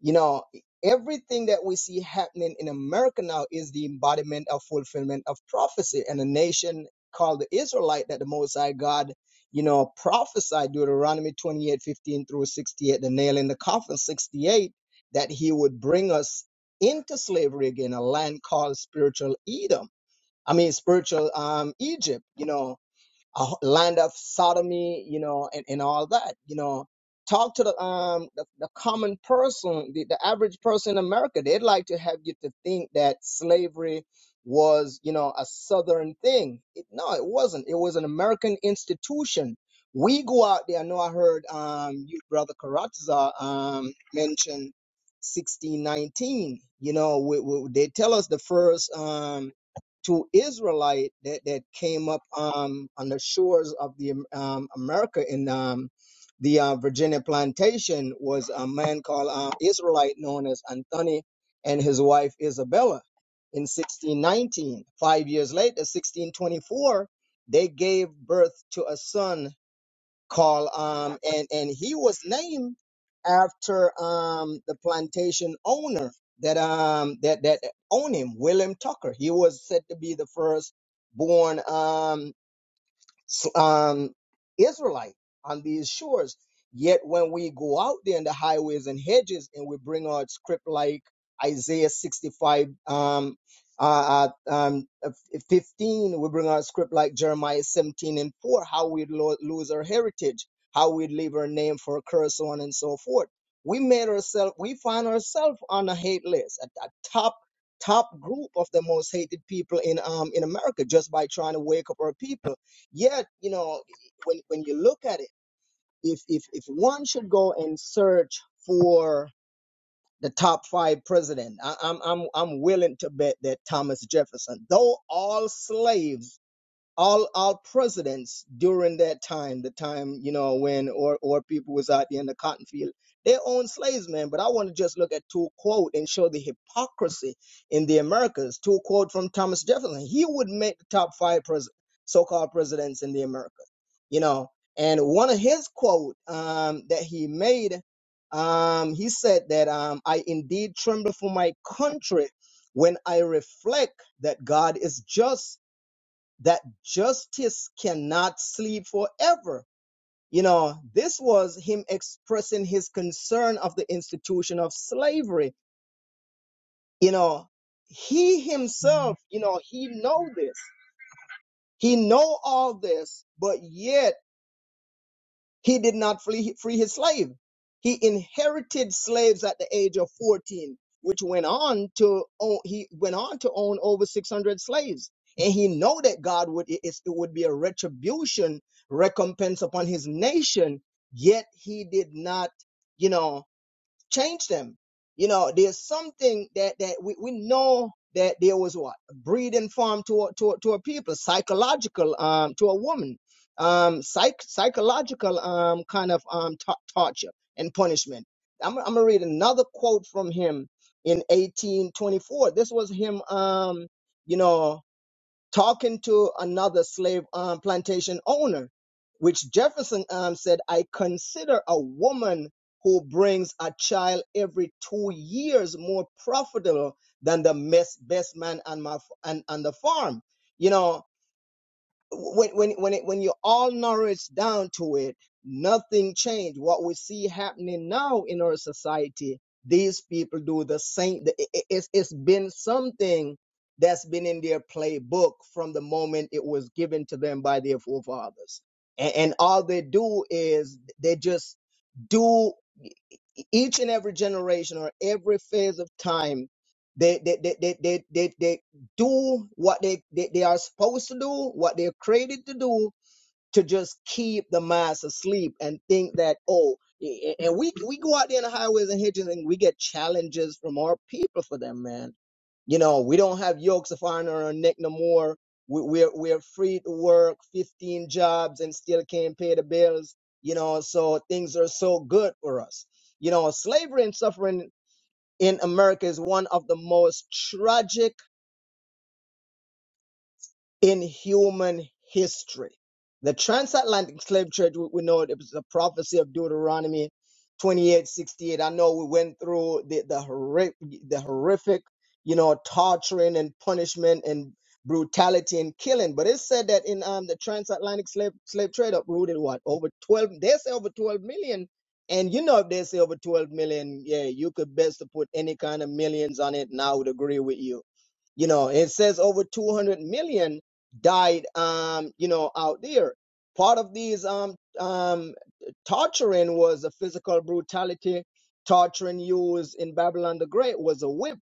S3: you know, everything that we see happening in America now is the embodiment of fulfillment of prophecy and a nation called the Israelite that the Most High God, you know, prophesied Deuteronomy 28:15 through 68, the nail in the coffin 68, that he would bring us into slavery again, a land called spiritual Edom. I mean, spiritual um, Egypt, you know, a land of sodomy, you know, and, and all that, you know. Talk to the um the, the common person, the, the average person in America. They'd like to have you to think that slavery was, you know, a southern thing. It, no, it wasn't. It was an American institution. We go out there. I know I heard um you brother Karatza um mention 1619. You know, we, we, they tell us the first um to Israelite that, that came up um, on the shores of the um, um, America in um, the uh, Virginia plantation was a man called uh, Israelite known as Anthony and his wife Isabella. In 1619, five years later, 1624, they gave birth to a son Carl. Um, and and he was named after um the plantation owner that um that that owned him, William Tucker. He was said to be the first born. Um, um, Israelite on these shores. Yet when we go out there in the highways and hedges and we bring out script like Isaiah 65, um, uh, uh, um, uh, 15, we bring out script like Jeremiah 17 and 4, how we lo- lose our heritage, how we would leave our name for a curse, so on and so forth. We made ourselves, we find ourselves on a hate list, at the top, top group of the most hated people in, um, in America just by trying to wake up our people Yet, you know, when, when you look at it, if, if, if one should go and search for the top five president, I, I'm, I'm, I'm willing to bet that Thomas Jefferson, though all slaves all our presidents during that time, the time you know when or or people was out there in the cotton field, they owned slaves, man. But I want to just look at two quote and show the hypocrisy in the Americas. Two quote from Thomas Jefferson. He would make the top five pres- so-called presidents in the Americas, you know. And one of his quote um, that he made, um, he said that um, I indeed tremble for my country when I reflect that God is just that justice cannot sleep forever. You know, this was him expressing his concern of the institution of slavery. You know, he himself, you know, he know this. He know all this, but yet He did not flee, free his slave. He inherited slaves at the age of 14, which went on to own, he went on to own over 600 slaves. And he know that God would it, it would be a retribution, recompense upon his nation. Yet he did not, you know change them. You know, there's something that that we, we know that there was what breeding farm to a, to a, to a people, psychological um to a woman, um psych psychological um kind of um to- torture and punishment. I'm I'm gonna read another quote from him in 1824. This was him um you know talking to another slave um, plantation owner, which Jefferson um, said, I consider a woman who brings a child every two years more profitable than the mes- best man on my on, on the farm. You know, when when when it, when you're all nourished down to it, nothing changed. What we see happening now in our society, these people do the same. the- i- i- It's it's been something that's been in their playbook from the moment it was given to them by their forefathers, and, and all they do is they just do. E, each and every generation or every phase of time they they they they they, they, they do what they, they they are supposed to do what they're created to do to just keep the minds asleep and think that oh and we we go out there in the highways and hedges and we get challenges from our people for them man you know we don't have yokes of iron on our neck no more we, we're we're free to work 15 jobs and still can't pay the bills you know so things are so good for us you know slavery and suffering in america is one of the most tragic in human history. The transatlantic slave trade, we know it was a prophecy of Deuteronomy 28:68. I know we went through the, the, horrific, the horrific, you know, torturing and punishment and brutality and killing. But it said that in um, the transatlantic slave, slave trade uprooted what? Over 12, they say over 12 million. And you know, if they say over 12 million, yeah, you could best to put any kind of millions on it. And I would agree with you you know it says over 200 million died um you know out there part of these um um torturing was a physical brutality torturing used in babylon the great was a whip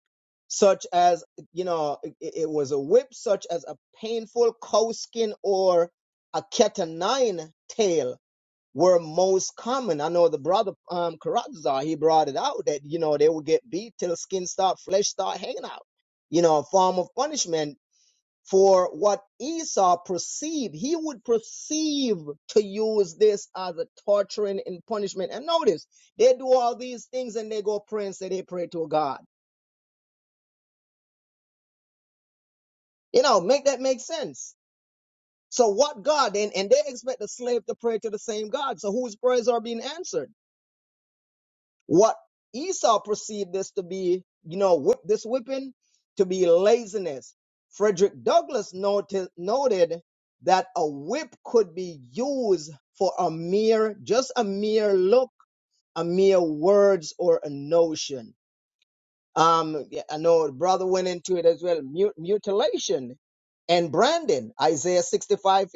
S3: such as you know it, it was a whip such as a painful cow skin or a cat o' nine tail were most common i know the brother um karazar he brought it out that you know they would get beat till skin start flesh start hanging out you know a form of punishment for what Esau perceived, he would perceive to use this as a torturing and punishment. And notice, they do all these things and they go pray and say they pray to a God. You know, make that make sense. So what God, and, and they expect the slave to pray to the same God. So whose prayers are being answered? What Esau perceived this to be, you know, whip, this whipping to be laziness. Frederick Douglass noted, noted that a whip could be used for a mere, just a mere look, a mere words or a notion. Um, yeah, I know a brother went into it as well. Mut- mutilation and branding, Isaiah 65:15.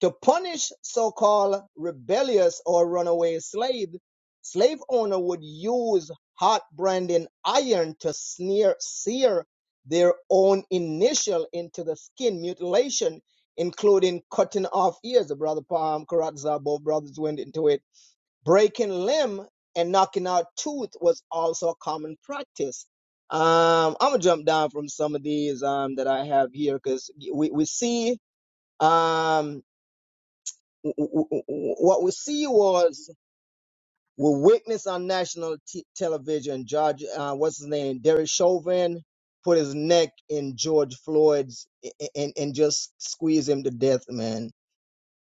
S3: To punish so-called rebellious or runaway slave, slave owner would use hot branding iron to sneer, sear their own initial into the skin. Mutilation, including cutting off ears. The brother Palm, Karat Zabo brothers went into it breaking limb and knocking out tooth was also a common practice. Um, I'm gonna jump down from some of these um, that I have here because we, we see um, w- w- w- what we see was we witnessed on national t- television. George, uh, what's his name? Derek Chauvin put his neck in George Floyd's and and just squeeze him to death, man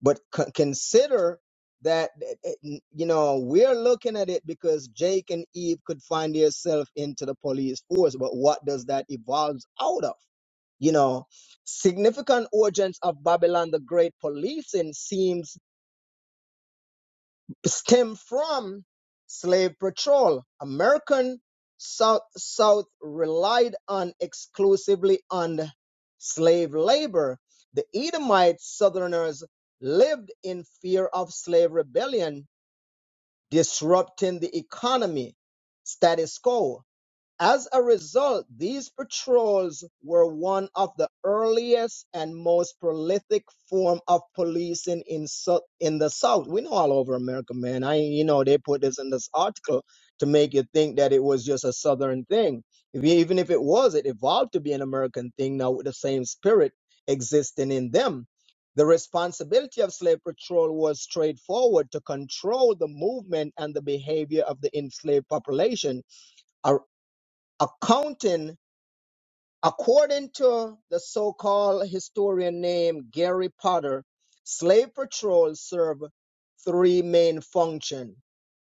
S3: but c- consider that eh, eh, you know we're looking at it because Jake and Eve could find themselves into the police force, but what does that evolve out of? You know, significant origins of Babylon the Great policing seems stem from slave patrol. American South, South relied on exclusively on slave labor. The Edomite Southerners lived in fear of slave rebellion disrupting the economy status quo. As a result, these patrols were one of the earliest and most prolific form of policing in so- in the South. We know all over America, man. I you know they put this in this article to make you think that it was just a Southern thing. If you, even if it was, it evolved to be an American thing now with the same spirit existing in them. The responsibility of slave patrol was straightforward to control the movement and the behavior of the enslaved population accounting, according to the so-called historian named Gary Potter, slave patrols serve three main functions: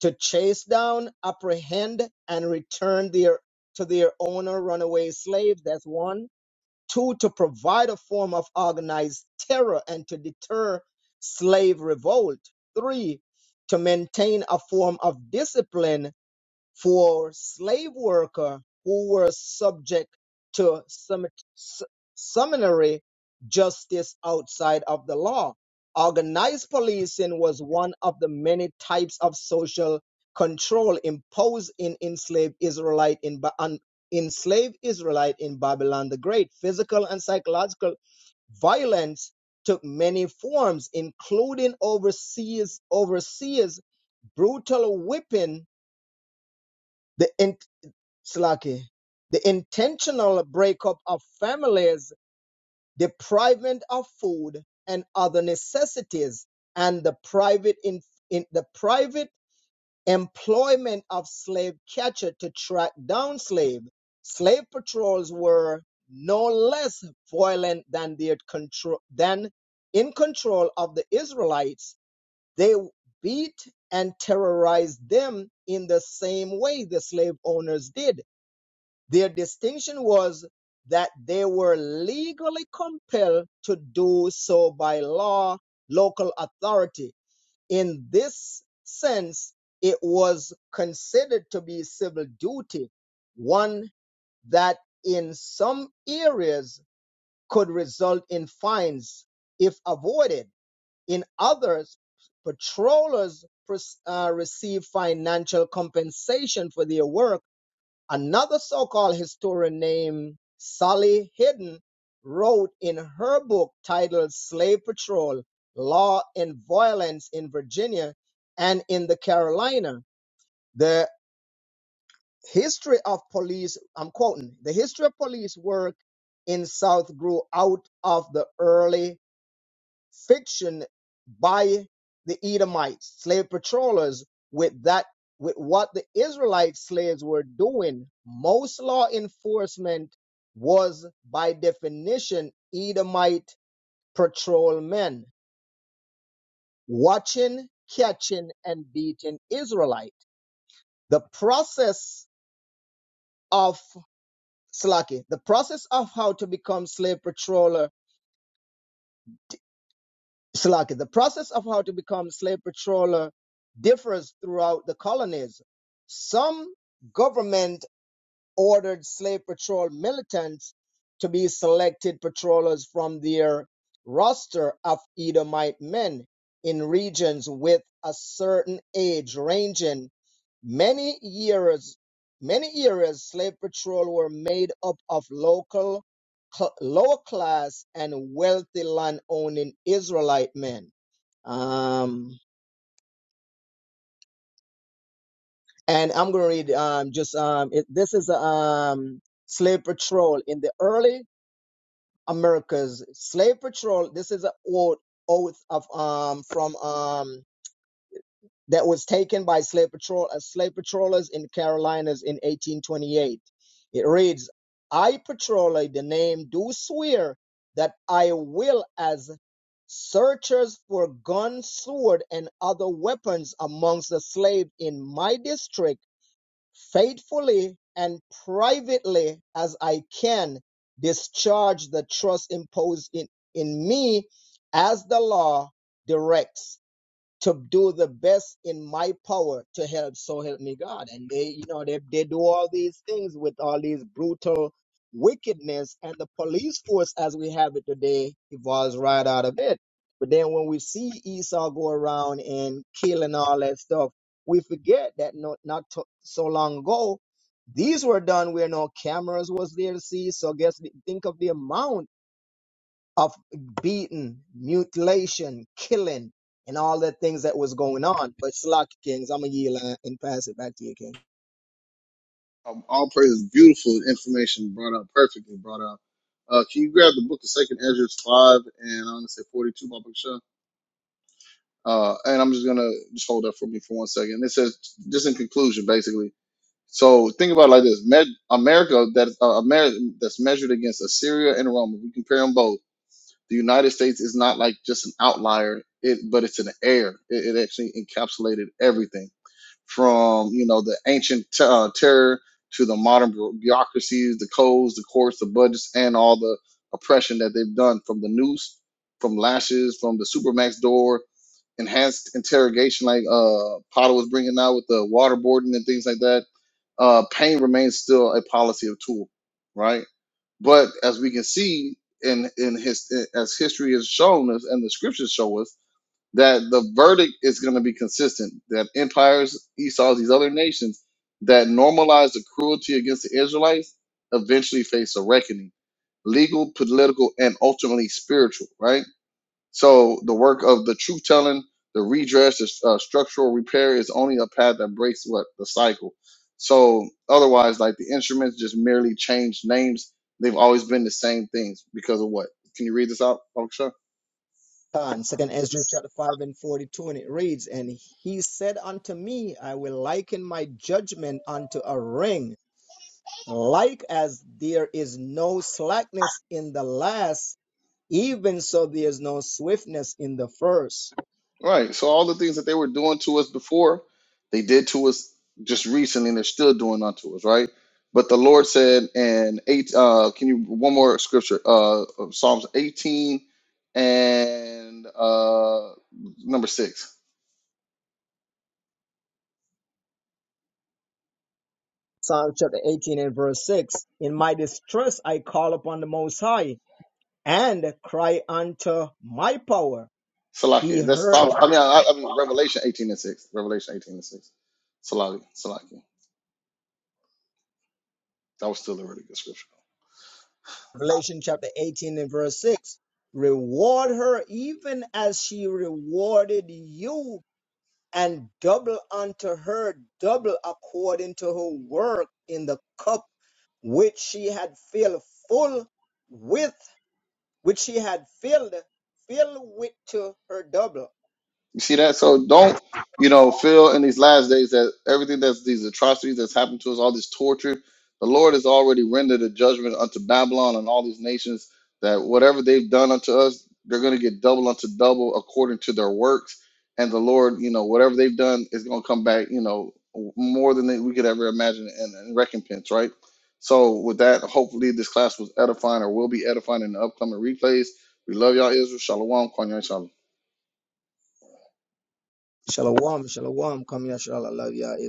S3: to chase down, apprehend, and return their to their owner runaway slaves. That's one. Two, to provide a form of organized terror and to deter slave revolt. Three, to maintain a form of discipline for slave worker who were subject to sum- s- summary justice outside of the law. Organized policing was one of the many types of social control imposed in enslaved Israelite in Ba- on enslaved Israelite in Babylon the Great. Physical and psychological violence took many forms, including overseas overseas brutal whipping, The in Slaki. The intentional breakup of families, depriving of food and other necessities, and the private in, in the private employment of slave catcher to track down slave. Slave patrols were no less violent than their control than in control of the Israelites. They beat and terrorized them in the same way the slave owners did their distinction was that they were legally compelled to do so by law, local authority. In this sense, it was considered to be civil duty, one that in some areas could result in fines if avoided. In others, patrollers uh, receive financial compensation for their work Another so called historian named Sally Hidden wrote in her book titled Slave Patrol Law and Violence in Virginia and in the Carolina, the history of police, I'm quoting, the history of police work in South grew out of the early fiction by the Edomites, slave patrollers, with that with what the Israelite slaves were doing. Most law enforcement was by definition Edomite patrolmen watching, catching, and beating Israelite. The process of Slaki, the process of how to become slave patroller Slaki, the process of how to become slave patroller differs throughout the colonies. Some government ordered slave patrol militants to be selected patrollers from their roster of Edomite men in regions with a certain age ranging many years many years slave patrol were made up of local cl- lower class and wealthy land owning israelite men um and i'm gonna read um just um it, this is um slave patrol in the early America's slave patrol. This is an oath, oath of um from um that was taken by slave patrol as slave patrollers in Carolinas in 1828. It reads, "I patroller the name do swear that I will as searchers for gun, sword, and other weapons amongst the slaves in my district." faithfully and privately as I can discharge the trust imposed in, in me as the law directs to do the best in my power to help so help me god and they you know they, they do all these things with all these brutal wickedness and the police force as we have it today evolves right out of it but then when we see esau go around and kill and all that stuff we forget that not, not to, so long ago these were done where no cameras was there to see so guess think of the amount of beating, mutilation, killing, and all the things that was going on. But Slack Kings, I'm going to yield uh, and pass it back to you, King.
S2: Um, all praise, beautiful information brought up, perfectly brought up. Uh, can you grab the book of Second Ezra five and I'm gonna say forty two, my book Uh, and I'm just gonna just hold that for me for one second. It says just in conclusion, basically. So think about it like this: Med- America that uh, America that's measured against Assyria and Rome. we compare them both, the United States is not like just an outlier, it but it's an heir. It, it actually encapsulated everything from you know the ancient t- uh, terror to the modern bu- bureaucracies, the codes, the courts, the budgets, and all the oppression that they've done from the noose, from lashes, from the supermax door, enhanced interrogation like uh, Potter was bringing out with the waterboarding and things like that. Uh, pain remains still a policy of tool, right? But as we can see in in his as history has shown us and the scriptures show us that the verdict is going to be consistent that empires, Esau's, these other nations that normalize the cruelty against the Israelites eventually face a reckoning legal, political, and ultimately spiritual, right? So the work of the truth telling, the redress, the uh, structural repair is only a path that breaks what? The cycle. So otherwise, like the instruments just merely change names. They've always been the same things because of what? Can you read this out, Sure.
S3: On Second Ezra chapter 5 and 42, and it reads, And he said unto me, I will liken my judgment unto a ring, like as there is no slackness in the last, even so there is no swiftness in the first.
S2: Right. So all the things that they were doing to us before, they did to us just recently, and they're still doing unto us, right? But the Lord said and eight uh can you one more scripture, uh Psalms 18 and uh number six.
S3: Psalm chapter 18 and verse 6. In my distress I call upon the Most High and cry unto my power. He
S2: Salaki. That's
S3: heard
S2: Psalms I mean I, I mean Revelation 18 and 6. Revelation 18 and 6. Salaki, Salaki. That was still a really good scripture.
S3: Revelation chapter 18 and verse 6. Reward her even as she rewarded you, and double unto her, double according to her work in the cup which she had filled full with, which she had filled, filled with to her double.
S2: You see that? So don't, you know, feel in these last days that everything that's these atrocities that's happened to us, all this torture, the Lord has already rendered a judgment unto Babylon and all these nations that whatever they've done unto us, they're going to get double unto double according to their works. And the Lord, you know, whatever they've done is going to come back, you know, more than they, we could ever imagine in, in recompense, right? So with that, hopefully this class was edifying or will be edifying in the upcoming replays. We love y'all, Israel. Shalom. Kwanya Shalom.
S3: Shalom, shalom, come here, shalom, love ya, Israel.